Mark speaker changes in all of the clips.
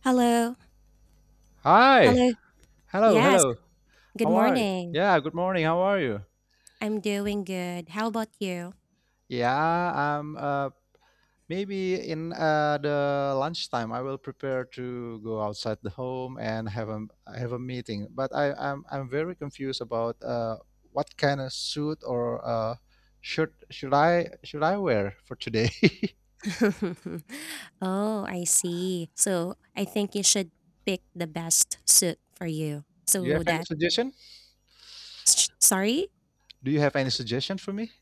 Speaker 1: Hello.
Speaker 2: Hi.
Speaker 1: Hello.
Speaker 2: Hello.
Speaker 1: Yes.
Speaker 2: Hello.
Speaker 1: Good
Speaker 2: How are you?
Speaker 1: morning.
Speaker 2: Yeah. Good morning. How are you?
Speaker 1: I'm doing good. How about you?
Speaker 2: Yeah. I'm. Maybe in the lunchtime, I will prepare to go outside the home and have a meeting. But I'm very confused about what kind of suit or shirt should I wear for today.
Speaker 1: Oh, I see. So I think you should pick the best suit for you.
Speaker 2: Do you have
Speaker 1: So
Speaker 2: any
Speaker 1: that,
Speaker 2: suggestion?
Speaker 1: sorry?
Speaker 2: Do you have any suggestion for me?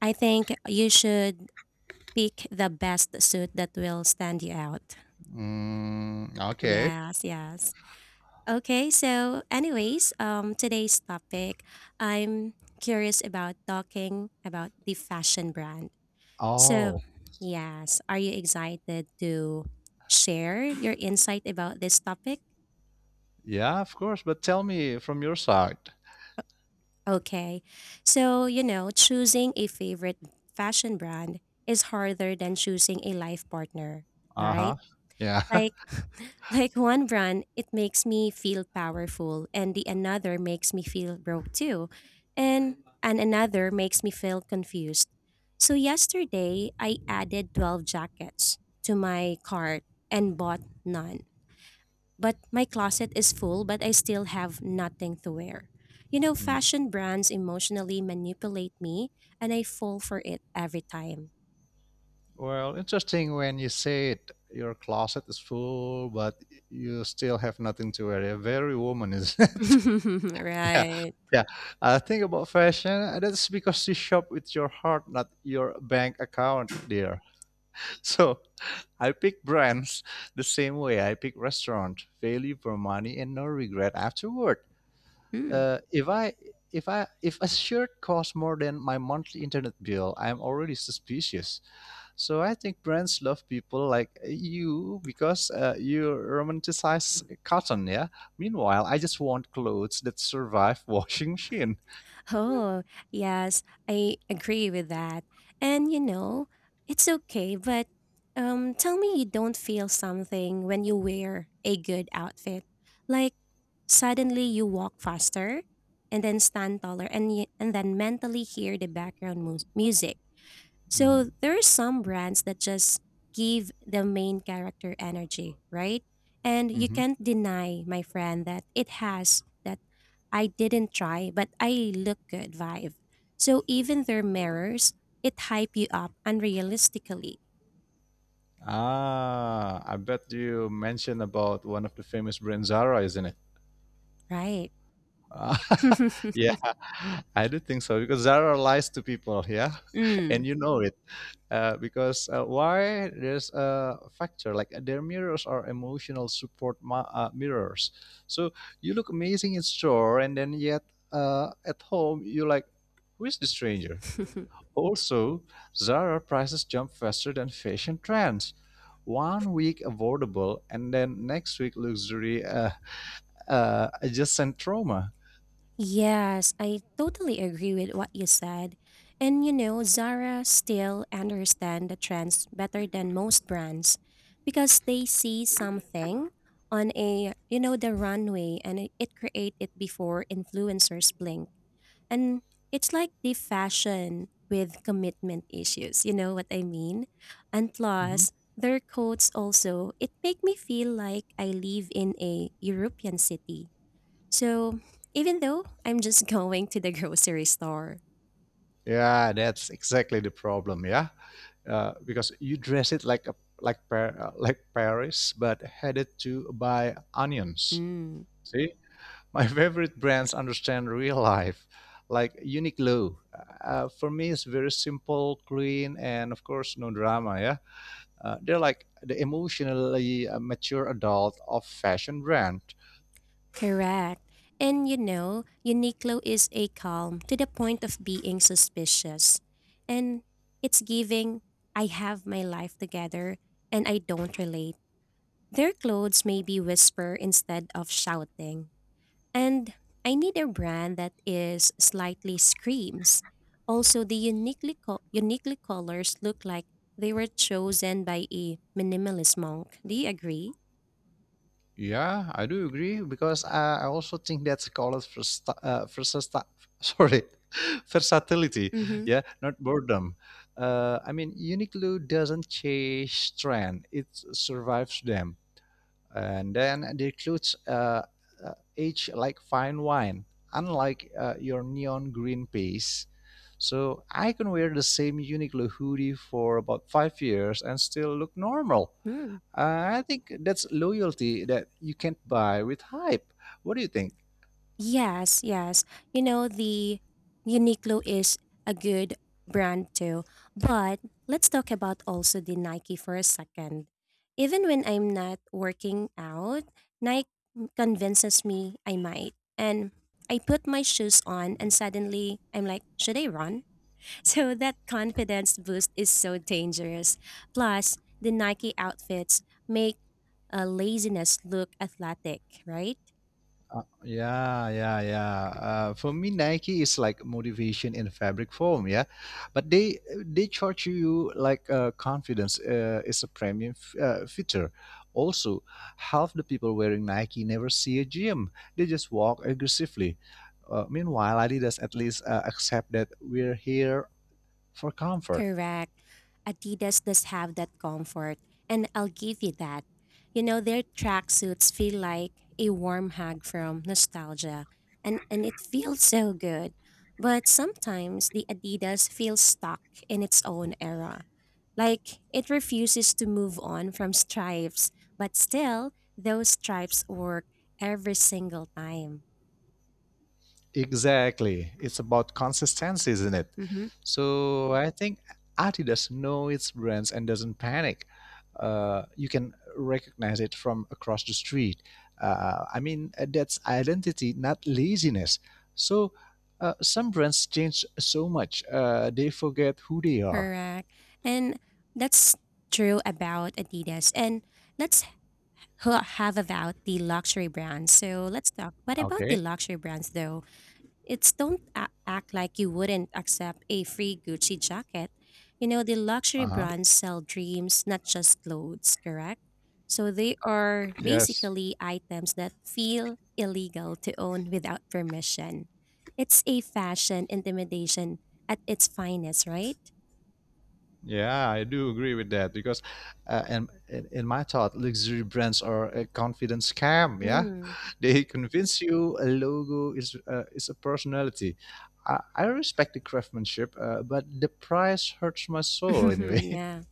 Speaker 1: I think you should pick the best suit that will stand you out.
Speaker 2: Mm, okay.
Speaker 1: Yes, yes. Okay, so anyways, today's topic, I'm curious about talking about the fashion brand. So,
Speaker 2: Oh,
Speaker 1: yes, are you excited to share your insight about this topic?
Speaker 2: yeah, of course. But tell me from your side.
Speaker 1: Okay. So, you know, choosing a favorite fashion brand is harder than choosing a life partner, all
Speaker 2: Uh
Speaker 1: right?
Speaker 2: huh. Yeah.
Speaker 1: Like like one brand it makes me feel powerful and the another makes me feel broke too. And another makes me feel confused. So yesterday I added 12 jackets to my cart and bought none. But my closet is full, but I still have nothing to wear. You know,
Speaker 2: Mm.
Speaker 1: fashion brands emotionally manipulate me, and I fall for it every time.
Speaker 2: Well, interesting when you say it. Your closet is full, but you still have nothing to wear. You're very woman, isn't it? Yeah.
Speaker 1: Right.
Speaker 2: Yeah. I think about fashion, and that's because you shop with your heart, not your bank account, dear. So I pick brands the same way I pick restaurant, value for money and no regret afterward.
Speaker 1: Hmm.
Speaker 2: Uh, if I if a shirt costs more than my monthly internet bill, I'm already suspicious. So I think brands love people like you because you romanticize cotton, yeah. Meanwhile, I just want clothes that survive washing machine.
Speaker 1: Oh, yes, I agree with that. And you know, it's okay, but tell me you don't feel something when you wear a good outfit. Like suddenly you walk faster and then stand taller and then mentally hear the background music.
Speaker 2: Mhm.
Speaker 1: So there are some brands that just give the main character energy, right? And you
Speaker 2: Mhm.
Speaker 1: can't deny, my friend, that it has that I didn't try, but I look good vibe. So even their mirrors, it hype you up unrealistically,
Speaker 2: Ah, I bet you mentioned about one of the famous brands, Zara, isn't it?
Speaker 1: right?
Speaker 2: Yeah, I do think so because Zara lies to people, yeah, and
Speaker 1: Mm.
Speaker 2: you know it. Because why there's a factor like their mirrors are emotional support mirrors. So you look amazing in store, and then yet at home you like, who is the stranger? Also, Zara prices jump faster than fashion trends. One week affordable, and then next week luxury adjacent trauma.
Speaker 1: Yes, I totally agree with what you said. And you know, Zara still understand the trends better than most brands because they see something on a, you know, the runway and it create it before influencers blink. And it's like the fashion with commitment issues, you know what I mean? And
Speaker 2: Mhm.
Speaker 1: plus, their coats also, it make me feel like I live in a European city, so even though I'm just going to the grocery store.
Speaker 2: Yeah, that's exactly the problem. Yeah, because you dress it like Paris, but headed to buy onions.
Speaker 1: Mm,
Speaker 2: See, my favorite brands understand real life, like Uniqlo. For me, it's very simple, clean, and of course, no drama. Yeah, they're like the emotionally mature adult of fashion brand.
Speaker 1: correct. And you know, Uniqlo is a calm to the point of being suspicious. And it's giving, I have my life together and I don't relate. Their clothes maybe whisper instead of shouting. And I need a brand that is slightly screams. Also, the uniquely colors look like they were chosen by a minimalist monk. Do you agree?
Speaker 2: Yeah, I do agree because I also think that's called first, versus, sorry, versatility.
Speaker 1: Mm-hmm.
Speaker 2: Yeah, not boredom. I mean, Uniqlo doesn't chase trend; it survives them, and then the clothes age like fine wine, unlike your neon green piece. So I can wear the same Uniqlo hoodie for about 5 years and still look normal. I think that's loyalty that you can't buy with hype. What do you think?
Speaker 1: Yes, yes. You know, the Uniqlo is a good brand too. But let's talk about also the Nike for a second. Even when I'm not working out, Nike convinces me I might. And I put my shoes on and suddenly I'm like, should I run? So that confidence boost is so dangerous. Plus, the Nike outfits make laziness look athletic, right?
Speaker 2: Yeah, yeah, yeah. For me, Nike is like motivation in fabric form. Yeah, but they charge you like confidence is a premium feature. Also, half the people wearing Nike never see a gym. They just walk aggressively. Meanwhile, Adidas at least accept that we're here for comfort.
Speaker 1: Correct. Adidas does have that comfort, and I'll give you that. You know, their tracksuits feel like a warm hug from nostalgia, and, it feels so good. But sometimes the Adidas feels stuck in its own era. Like it refuses to move on from stripes, but still, those stripes work every single time.
Speaker 2: Exactly. It's about consistency, isn't it?
Speaker 1: Hmm.
Speaker 2: So I think Adidas knows its brands and doesn't panic. You can recognize it from across the street. I mean, that's identity, not laziness. So some brands change so much, they forget who they are.
Speaker 1: Correct. And that's true about Adidas. And let's who have about the luxury brands. So let's talk. What about the
Speaker 2: Okay.
Speaker 1: luxury brands though? It's don't a- act like you wouldn't accept a free Gucci jacket. You know, the luxury
Speaker 2: Uh huh.
Speaker 1: brands sell dreams, not just clothes, correct? So they are
Speaker 2: Yes.
Speaker 1: basically items that feel illegal to own without permission. It's a fashion intimidation at its finest, right?
Speaker 2: Yeah, I do agree with that because, in, in my thought, luxury brands are a confidence scam. Yeah,
Speaker 1: Mm.
Speaker 2: they convince you a logo is a personality. I respect the craftsmanship, but the price hurts my soul anyway.
Speaker 1: Yeah.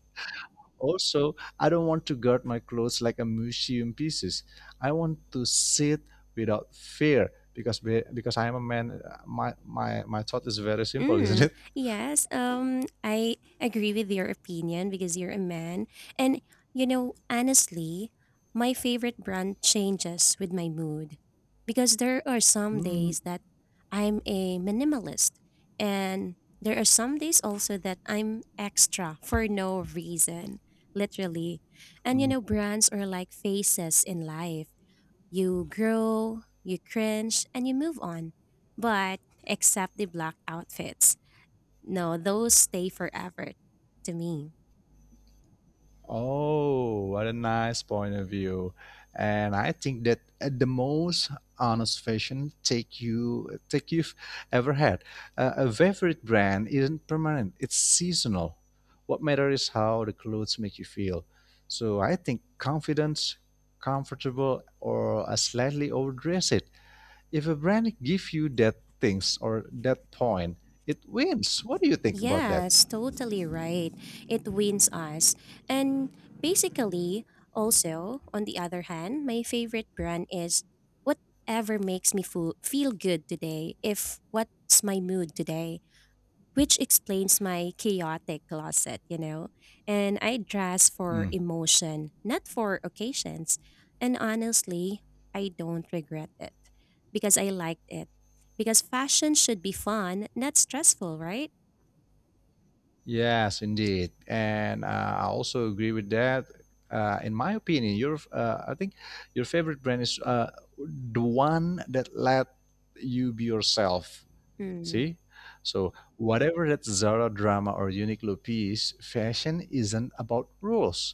Speaker 2: Also, I don't want to guard my clothes like a museum pieces. I want to sit without fear because because I am a man. My thought is very simple, isn't
Speaker 1: Mm,
Speaker 2: it?
Speaker 1: yes, I agree with your opinion because you're a man. And, you know, honestly, my favorite brand changes with my mood because there are some
Speaker 2: Mm.
Speaker 1: days that I'm a minimalist, and there are some days also that I'm extra for no reason, literally. And, you
Speaker 2: Mm.
Speaker 1: know, brands are like phases in life. You grow, you cringe, and you move on. But, except the black outfits. No, those stay forever to me.
Speaker 2: Oh, what a nice point of view. And I think that the most honest fashion take you've ever had. A favorite brand isn't permanent; it's seasonal. What matters is how the clothes make you feel. So I think confidence, comfortable, or a slightly overdressed. If a brand gives you that things or that point, it wins. What do you think about that?
Speaker 1: Yes, totally right. It wins us. And basically, also, on the other hand, my favorite brand is whatever makes me feel good today, if what's my mood today, which explains my chaotic closet, you know. And I dress for
Speaker 2: Hmm.
Speaker 1: emotion, not for occasions. And honestly, I don't regret it because I liked it. Because fashion should be fun, not stressful, right?
Speaker 2: Yes, indeed, and I also agree with that. In my opinion, your I think your favorite brand is the one that let you be yourself.
Speaker 1: Mm.
Speaker 2: See, so whatever that Zara drama or Uniqlo piece, fashion isn't about rules.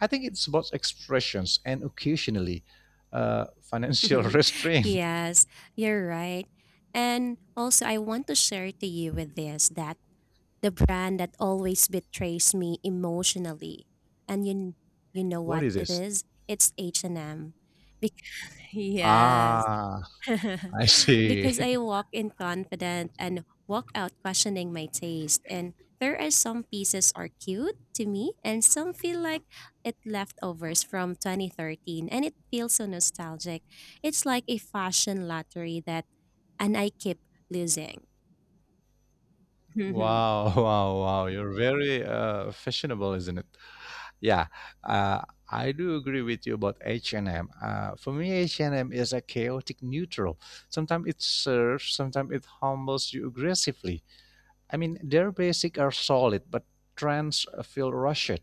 Speaker 2: I think it's about expressions and occasionally financial restraint.
Speaker 1: Yes, you're right. And also, I want to share to you with this that the brand that always betrays me emotionally. And you know
Speaker 2: What
Speaker 1: what
Speaker 2: is
Speaker 1: it
Speaker 2: this?
Speaker 1: is? It's H&M. Because, yes.
Speaker 2: Ah, I see.
Speaker 1: Because I walk in confident and walk out questioning my taste, and there are some pieces are cute to me and some feel like it leftovers from 2013 and it feels so nostalgic. It's like a fashion lottery that and I keep losing.
Speaker 2: Wow, wow, wow. You're very fashionable, isn't it? Yeah, uh, I do agree with you about H&M. For me, H&M is a chaotic neutral. Sometimes it serves, sometimes it humbles you aggressively. I mean, their basics are solid, but trends feel rushed.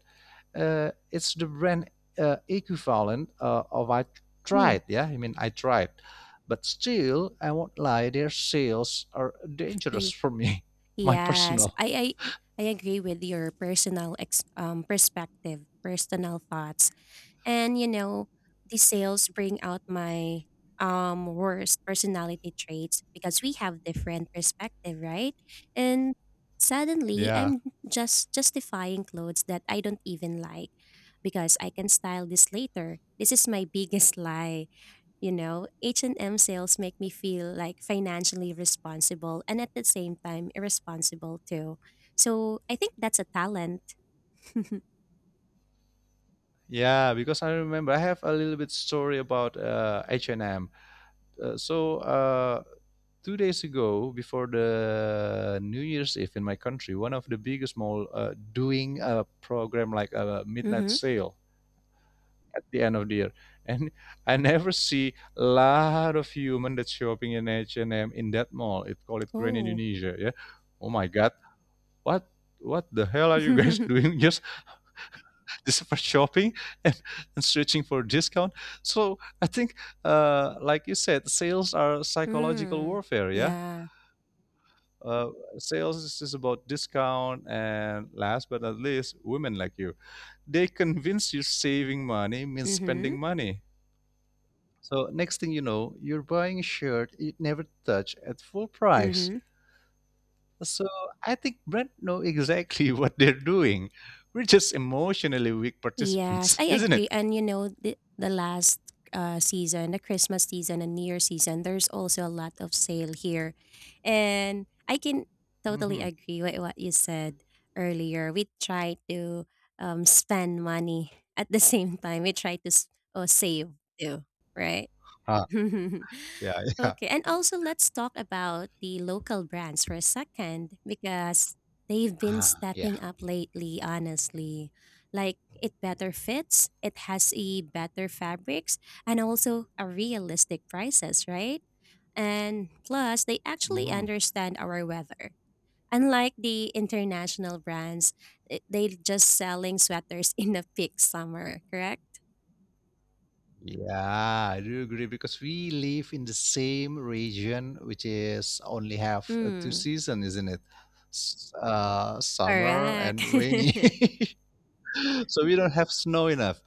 Speaker 2: It's the brand equivalent of I
Speaker 1: Mm.
Speaker 2: tried. Yeah, I mean, I tried. But still, I won't lie, their sales are dangerous for me, my
Speaker 1: Yes,
Speaker 2: personal.
Speaker 1: I agree with your personal perspective, personal thoughts, and you know the sales bring out my worst personality traits because we have different perspective, right? And suddenly
Speaker 2: Yeah.
Speaker 1: I'm just justifying clothes that I don't even like because I can style this later. This is my biggest lie. You know, H&M sales make me feel like financially responsible and at the same time irresponsible too. So I think that's a talent.
Speaker 2: Yeah, because I remember I have a little bit story about H&M. So 2 days ago before the New Year's Eve in my country, one of the biggest mall doing a program like a midnight
Speaker 1: Mm-hmm.
Speaker 2: sale at the end of the year, and I never see a lot of human that's shopping in H&M in that mall. It call it Grand
Speaker 1: Oh.
Speaker 2: Indonesia. Yeah. Oh my god, what what the hell are you guys doing, just for shopping and, and searching for discount? So I think, like you said, sales are psychological
Speaker 1: Mm.
Speaker 2: warfare. Yeah,
Speaker 1: Yeah.
Speaker 2: uh, sales is just about discount and last but not least women like you. They convince you saving money means
Speaker 1: Mm-hmm.
Speaker 2: spending money. So next thing you know, you're buying a shirt you never touch at full price.
Speaker 1: Mm-hmm.
Speaker 2: So I think brand know exactly what they're doing. We're just emotionally weak
Speaker 1: Yes,
Speaker 2: participants,
Speaker 1: I
Speaker 2: isn't it?
Speaker 1: agree. And you know, the last season, the Christmas season and New Year season, there's also a lot of sale here. And I can totally
Speaker 2: Mm-hmm.
Speaker 1: agree with what you said earlier. We try to spend money at the same time, we try to save too, right?
Speaker 2: Ah, yeah, yeah.
Speaker 1: Okay, and also let's talk about the local brands for a second because they've been
Speaker 2: Ah, yeah.
Speaker 1: stepping up lately, honestly. Like it better fits, it has a better fabrics and also a realistic prices, right? And plus they actually
Speaker 2: Hmm.
Speaker 1: understand our weather. Unlike the international brands, they just selling sweaters in the peak summer, correct?
Speaker 2: Yeah, I do agree because we live in the same region, which is only have two
Speaker 1: Mm,
Speaker 2: seasons, isn't it? Summer
Speaker 1: correct.
Speaker 2: and rainy, so we don't have snow enough.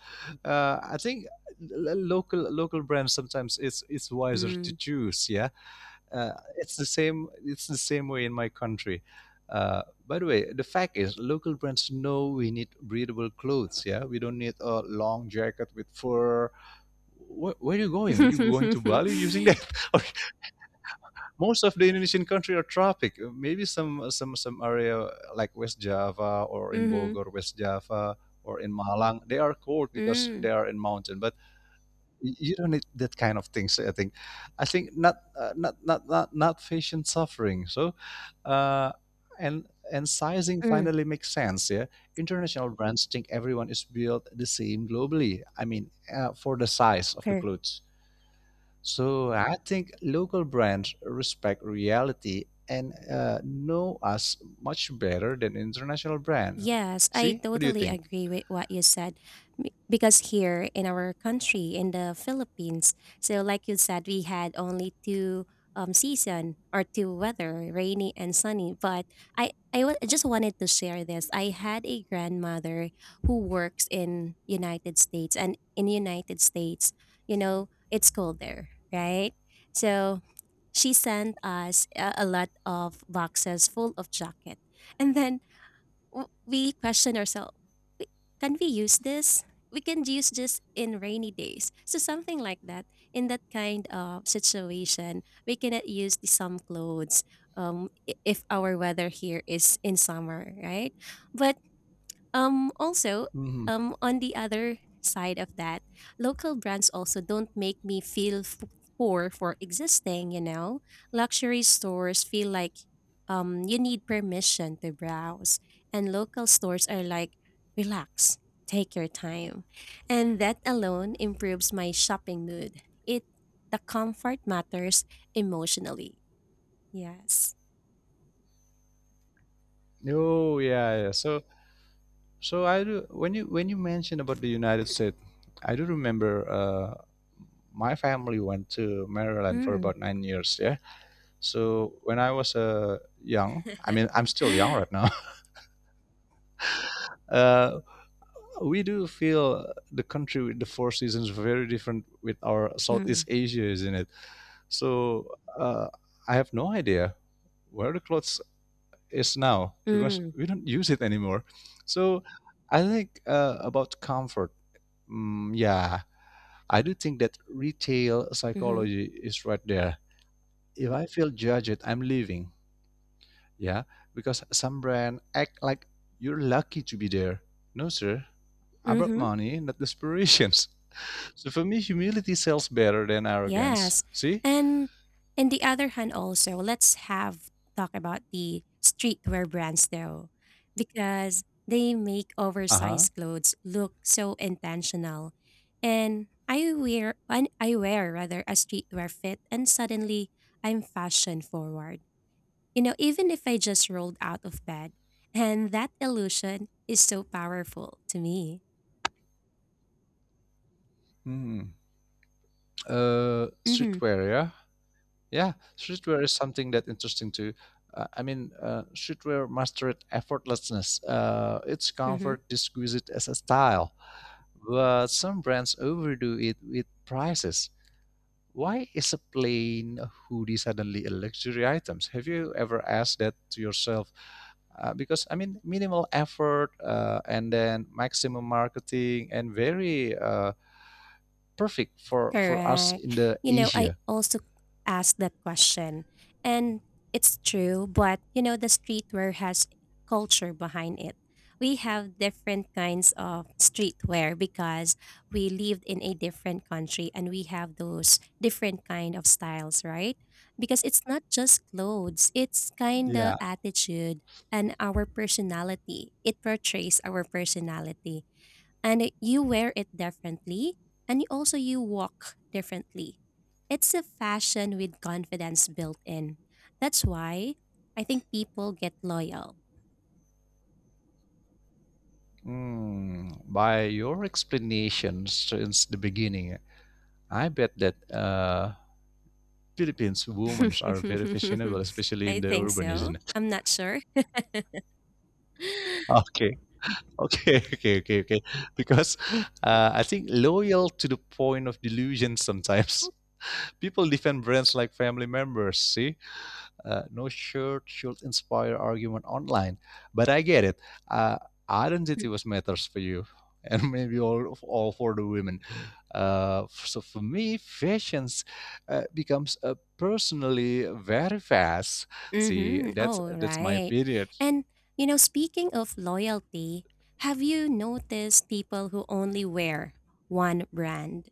Speaker 2: I think local brands sometimes it's wiser to
Speaker 1: Mm.
Speaker 2: choose. Yeah, it's the same. It's the same way in my country. Uh, by the way, the fact is, local brands know we need breathable clothes. Yeah, we don't need a long jacket with fur. Where are you going? Are you going to Bali using that? Or most of the Indonesian country are tropic. Maybe some area like West Java or in
Speaker 1: Mhm.
Speaker 2: Bogor, West Java or in Malang, they are cold because they
Speaker 1: Mm.
Speaker 2: are in mountain. But you don't need that kind of things. I think not patient suffering. So, uh, and sizing
Speaker 1: Mm,
Speaker 2: finally makes sense. Yeah, international brands think everyone is built the same globally. I mean, for the size of the
Speaker 1: correct.
Speaker 2: clothes. So I think local brands respect reality and know us much better than international brand.
Speaker 1: Yes, I
Speaker 2: See, what do you
Speaker 1: totally
Speaker 2: think?
Speaker 1: agree with what you said. M- Because here in our country, in the Philippines, so like you said, we had only two season or two weather, rainy and sunny. But I just wanted to share this. I had a grandmother who works in United States, and in United States, you know, it's cold there, right? So she sent us a lot of boxes full of jacket. And then we question ourselves, can we use this? We can use this in rainy days. So something like that. In that kind of situation, we cannot use the some clothes if our weather here is in summer, right? But also,
Speaker 2: Mhm.
Speaker 1: on the other side of that, local brands also don't make me feel poor for existing, you know? Luxury stores feel like you need permission to browse, and local stores are like, relax, take your time. And that alone improves my shopping mood. It the comfort matters emotionally. Yes.
Speaker 2: Oh yeah, yeah. So I do, when you mentioned about the United States, I do remember my family went to Maryland for
Speaker 1: Mm.
Speaker 2: about 9 years. Yeah. So when I was young, I mean I'm still young right now. Uh, we do feel the country with the four seasons very different with our
Speaker 1: Mm.
Speaker 2: Southeast Asia, isn't it? So I have no idea where the clothes is now because
Speaker 1: Mm.
Speaker 2: we don't use it anymore. So I think about comfort. Mm, yeah, I do think that retail
Speaker 1: Mm-hmm.
Speaker 2: psychology is right there. If I feel judged, I'm leaving. Yeah, because some brand act like you're lucky to be there. No, sir. About
Speaker 1: Mm-hmm.
Speaker 2: money, not desperations. So for me, humility sells better than arrogance.
Speaker 1: Yes.
Speaker 2: See?
Speaker 1: And on the other hand also, let's have talk about the streetwear brands though, because they make
Speaker 2: Uh-huh.
Speaker 1: oversized clothes look so intentional. And I wear rather a streetwear fit and suddenly I'm fashion forward. You know, even if I just rolled out of bed. And that illusion is so powerful to me.
Speaker 2: Hmm. Uh,
Speaker 1: Mm-hmm.
Speaker 2: streetwear, yeah? Yeah, streetwear is something that interesting too. I mean, streetwear mastered effortlessness. Its
Speaker 1: Mm-hmm.
Speaker 2: comfort exquisite as a style, but some brands overdo it with prices. Why is a plain hoodie suddenly a luxury item? Have you ever asked that to yourself? Because I mean, minimal effort and then maximum marketing and very perfect for us
Speaker 1: Correct.
Speaker 2: in the
Speaker 1: You know, I
Speaker 2: Asia.
Speaker 1: also asked that question, and it's true, but you know, the streetwear has culture behind it. We have different kinds of streetwear because we lived in a different country and we have those different kind of styles, right? Because it's not just clothes, it's kind
Speaker 2: Yeah.
Speaker 1: of attitude and our personality. It portrays our personality and you wear it differently and you also you walk differently. It's a fashion with confidence built in. That's why I think people get loyal.
Speaker 2: Hmm. By your explanation since the beginning, I bet that Philippines women are very fashionable, especially in
Speaker 1: I
Speaker 2: the
Speaker 1: think
Speaker 2: urban, isn't
Speaker 1: so,
Speaker 2: it?
Speaker 1: I'm not sure.
Speaker 2: Okay. Okay, okay, okay, okay. Because I think loyal to the point of delusion sometimes. People defend brands like family members, see? No shirt should inspire argument online. But I get it. Uh, identity was matters for you, and maybe all for the women. So for me, fashions becomes personally very fast. See,
Speaker 1: Mm-hmm.
Speaker 2: that's
Speaker 1: Oh,
Speaker 2: that's my
Speaker 1: right.
Speaker 2: period.
Speaker 1: And, you know, speaking of loyalty, have you noticed people who only wear one brand?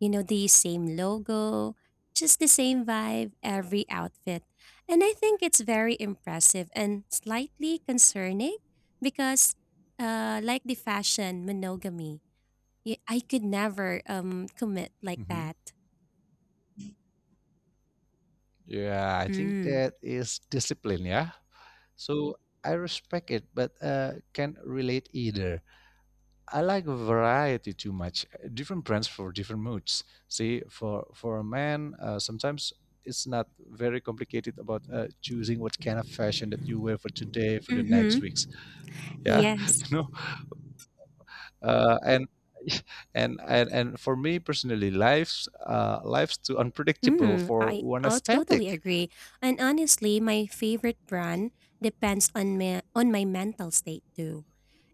Speaker 1: You know, the same logo, just the same vibe, every outfit. And I think it's very impressive and slightly concerning because, like the fashion monogamy, I could never commit like
Speaker 2: Hmm.
Speaker 1: that.
Speaker 2: Yeah, I think
Speaker 1: Mm.
Speaker 2: that is discipline. Yeah. So I respect it, but can't relate either. I like variety too much. Different brands for different moods. See, for a man, sometimes it's not very complicated about choosing what kind of fashion that you wear for today, for the next
Speaker 1: Mm-hmm.
Speaker 2: weeks. Yeah,
Speaker 1: Yes.
Speaker 2: you know, and. And for me personally, life's too unpredictable
Speaker 1: Hmm,
Speaker 2: for
Speaker 1: I
Speaker 2: one
Speaker 1: i totally
Speaker 2: aesthetic.
Speaker 1: agree. And honestly, my favorite brand depends on my mental state too.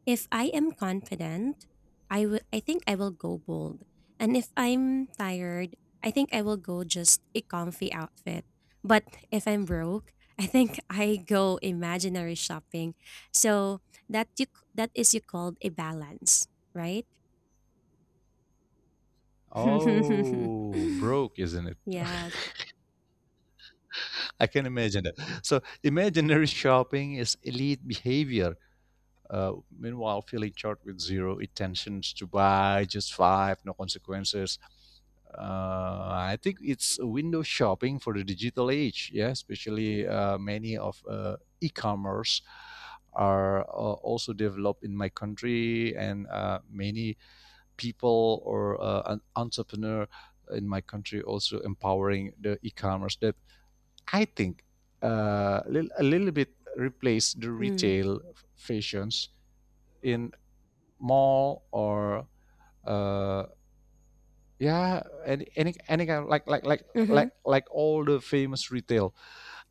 Speaker 1: If I am confident, I think I will go bold. And if I'm tired, I think I will go just a comfy outfit. But if I'm broke, I think I go imaginary shopping. So that is you called a balance, right?
Speaker 2: Oh, broke, isn't it?
Speaker 1: Yes.
Speaker 2: I can imagine it. So, imaginary shopping is elite behavior. Meanwhile, feeling short with zero intentions to buy, just five, no consequences. I think it's window shopping for the digital age. Yeah, especially many of e-commerce are also developed in my country, and many people or an entrepreneur in my country also empowering the e-commerce. That I think uh, a little bit replace the
Speaker 1: Mm.
Speaker 2: retail fashions in mall or uh, yeah, any kind of like like like
Speaker 1: Mm-hmm.
Speaker 2: like like all the famous retail.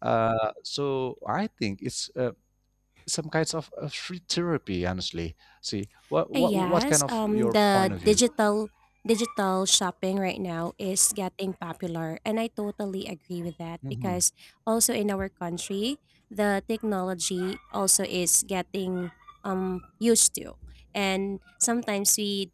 Speaker 2: So I think it's some kinds of free therapy. Honestly, see what what what kind
Speaker 1: Yes,
Speaker 2: of your
Speaker 1: the
Speaker 2: point of view?
Speaker 1: digital shopping right now is getting popular, and I totally agree with that
Speaker 2: Hmm.
Speaker 1: because also in our country, the technology also is getting used to, and sometimes we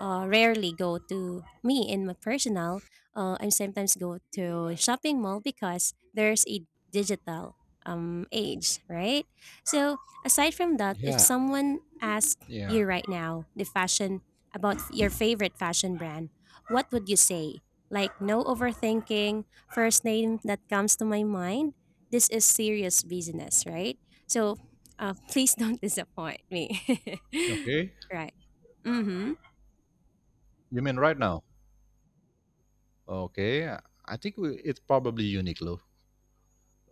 Speaker 1: rarely go to me in my personal. I sometimes go to shopping mall because there's a digital age, right? So aside from that, if
Speaker 2: Yeah,
Speaker 1: someone asks
Speaker 2: yeah.
Speaker 1: you right now, the fashion about your favorite fashion brand, what would you say? Like no overthinking, first name that comes to my mind. This is serious business, right? So please don't disappoint me.
Speaker 2: Okay.
Speaker 1: Right. Mm-hmm.
Speaker 2: You mean right now? Okay. I think, it's probably unique, loh.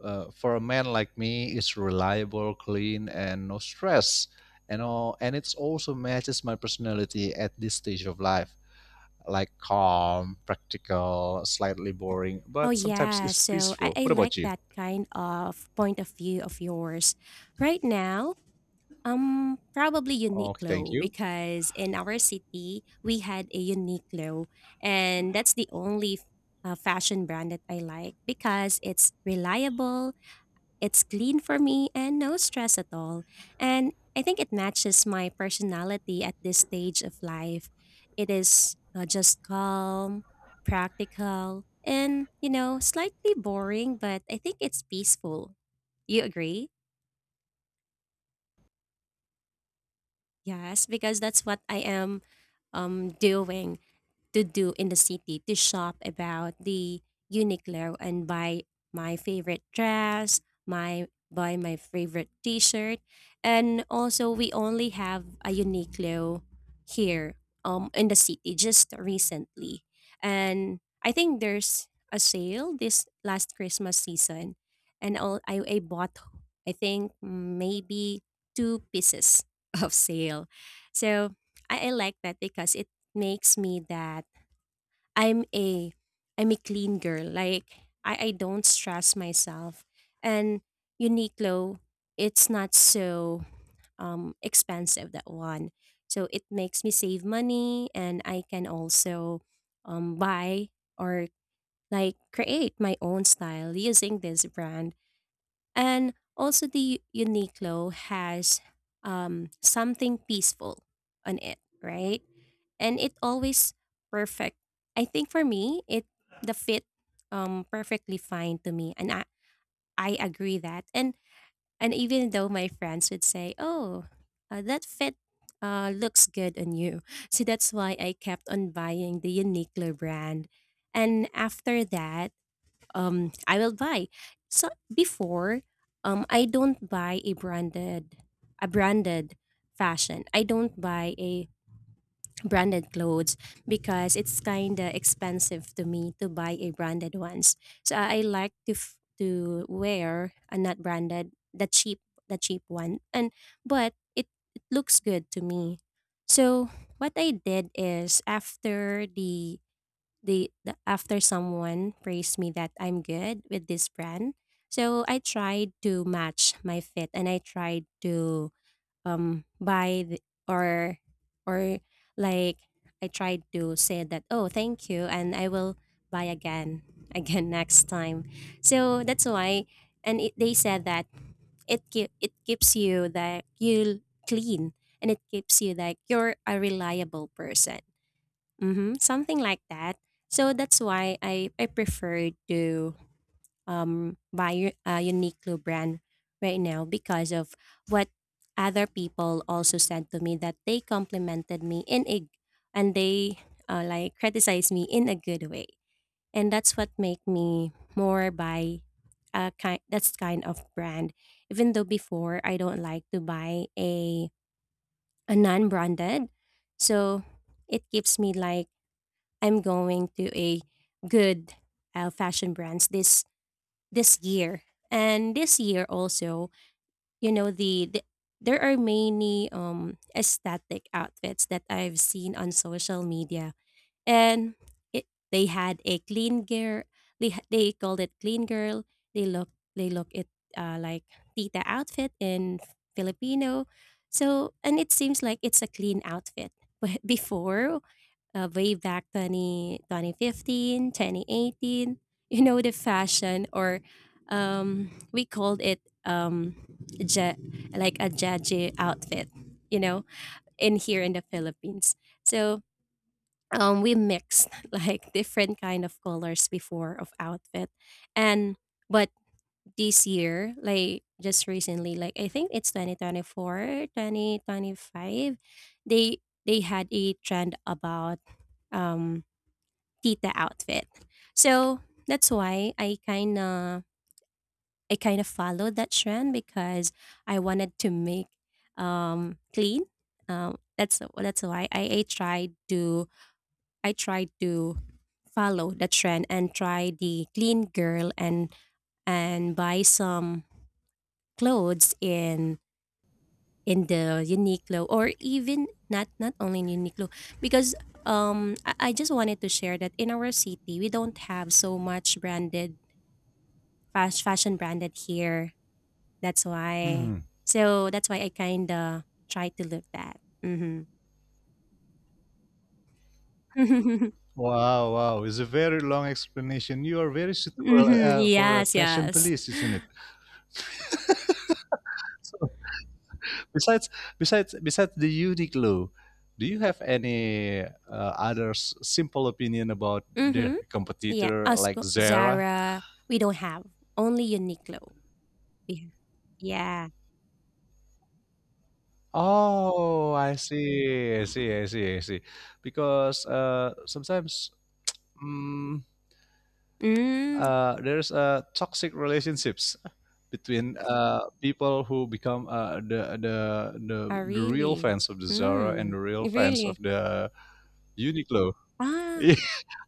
Speaker 2: For a man like me, it's reliable, clean, and no stress. You know, and it also matches my personality at this stage of life. Like calm, practical, slightly boring,
Speaker 1: Oh,
Speaker 2: but sometimes
Speaker 1: yeah.
Speaker 2: it's
Speaker 1: So I,
Speaker 2: peaceful.
Speaker 1: I
Speaker 2: What
Speaker 1: like
Speaker 2: about you?
Speaker 1: that kind of point of view of yours. Right now, probably
Speaker 2: Okay, thank
Speaker 1: Uniqlo,
Speaker 2: you.
Speaker 1: because in our city we had a Uniqlo, and that's the only fashion brand that I like, because it's reliable, it's clean for me, and no stress at all. And I think it matches my personality at this stage of life. It is just calm, practical, and you know, slightly boring, but I think it's peaceful. You agree? Yes, because that's what I am doing to do in the city, to shop about the Uniqlo and buy my favorite dress, my buy my favorite t-shirt. And also we only have a Uniqlo here in the city just recently. And I think there's a sale this last Christmas season, and all I bought, I think maybe two pieces of sale. So I like that because it makes me that I'm a I'm a clean girl. Like I don't stress myself. And Uniqlo, it's not so expensive, that one. So it makes me save money, and I can also buy, or like create my own style using this brand. And also the Uniqlo has something peaceful on it, right? And it always perfect. I think for me, it the fit perfectly fine to me, and I agree that. And even though my friends would say, "Oh, that fit looks good on you," so that's why I kept on buying the Uniqlo brand. And after that, I will buy. So before, I don't buy a branded fashion. I don't buy a branded clothes, because it's kind of expensive to me to buy a branded ones. So I like to wear a not branded, the cheap one, and but it looks good to me. So what I did is, after the after someone praised me that I'm good with this brand, so I tried to match my fit, and I tried to buy the, or or like I tried to say that, oh, thank you, and I will buy again again next time. So that's why, and they said that it keeps you that you clean, and it keeps you like you're a reliable person. Mhm, something like that. So that's why I prefer to buy a Uniqlo brand right now, because of what other people also said to me, that they complimented me in a and they like criticized me in a good way, and that's what make me more buy a kind that's kind of brand. Even though before I don't like to buy a non-branded, so it gives me like I'm going to a good fashion brands this year. And this year also, you know, the, the there are many aesthetic outfits that I've seen on social media. And it, they had a clean girl, they called it clean girl. They look they look it, like tita outfit in Filipino. So and it seems like it's a clean outfit. But before way back 20 2015, 2018. The fashion, or we called it ja- like a jaji outfit, you know, in here in the Philippines. So we mixed like different kind of colors before of outfit. And but this year, like just recently, like I think it's 2024, 2025. they they had a trend about um tita outfit. So that's why I kinda followed that trend because I wanted to make clean. That's why I tried to I tried to follow the trend and try the clean girl, and buy some clothes in the Uniqlo, or even not only in Uniqlo, because I just wanted to share that in our city we don't have so much branded fast fashion branded here. That's why.
Speaker 2: Hmm.
Speaker 1: So that's why I kind of try to look that. Mm-hmm.
Speaker 2: Wow, wow. It's a very long explanation. You are very suitable
Speaker 1: Mm-hmm.
Speaker 2: for a
Speaker 1: Yes,
Speaker 2: fashion
Speaker 1: yes.
Speaker 2: police, isn't it? So besides besides the Uniqlo, do you have any other simple opinion about their
Speaker 1: Mm-hmm. Yeah.
Speaker 2: competitor like Zara?
Speaker 1: Zara, we don't have. Only Uniqlo. We have. Yeah.
Speaker 2: Oh, I see, I see, I see, I see. Because sometimes mm,
Speaker 1: Mm.
Speaker 2: there's toxic relationships between people who become the, the the
Speaker 1: Oh,
Speaker 2: the real
Speaker 1: really?
Speaker 2: fans of the Zara and
Speaker 1: Mm.
Speaker 2: the real fans of
Speaker 1: Really?
Speaker 2: the Uniqlo.
Speaker 1: Ah.
Speaker 2: Yeah.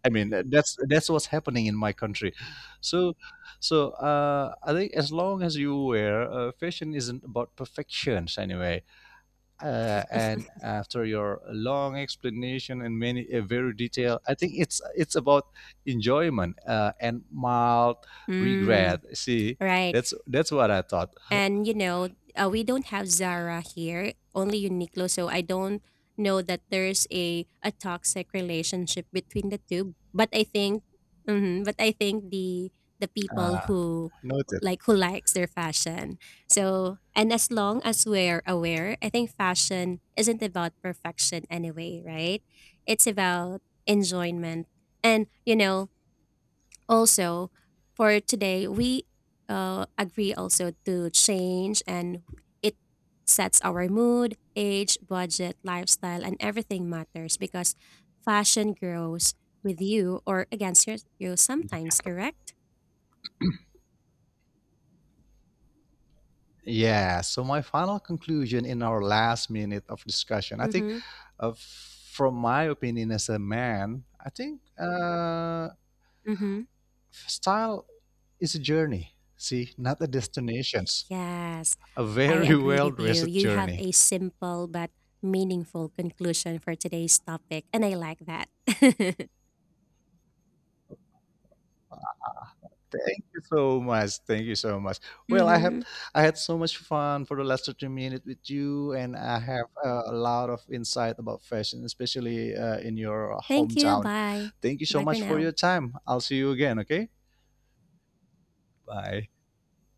Speaker 2: I mean that's what's happening in my country. So so I think as long as you wear, fashion isn't about perfections anyway. And after your long explanation and many a very detailed, I think it's about enjoyment and mild regret.
Speaker 1: Mm.
Speaker 2: See,
Speaker 1: Right.
Speaker 2: that's what I thought.
Speaker 1: And we don't have Zara here, only Uniqlo. So I don't know that there's a toxic relationship between the two. But I think, mhm, but I think the people
Speaker 2: uh, noted.
Speaker 1: who likes their fashion. So and, as long as we're aware, I think fashion isn't about perfection anyway, right? It's about enjoyment. And also, for today, we agree also to change, and it sets our mood, age, budget, lifestyle, and everything matters, because fashion grows with you or against you sometimes, correct?
Speaker 2: Yeah, so my final conclusion in our last minute of discussion, I think,
Speaker 1: Mm-hmm.
Speaker 2: from my opinion as a man, I think
Speaker 1: Mm-hmm.
Speaker 2: style is a journey, see, not a destinations.
Speaker 1: Yes,
Speaker 2: A
Speaker 1: I
Speaker 2: very
Speaker 1: agree
Speaker 2: well
Speaker 1: with you.
Speaker 2: dressed
Speaker 1: You have
Speaker 2: journey.
Speaker 1: a simple but meaningful conclusion for today's topic, and I like that.
Speaker 2: Thank you so much. Thank you so much. Well, I
Speaker 1: Mm-hmm.
Speaker 2: have I had so much fun for the last 30 minutes with you, and I have a lot of insight about fashion, especially in your
Speaker 1: Thank you.
Speaker 2: hometown.
Speaker 1: Bye.
Speaker 2: Thank you so
Speaker 1: Bye for
Speaker 2: much for your
Speaker 1: now.
Speaker 2: time. I'll see you again, okay? Bye.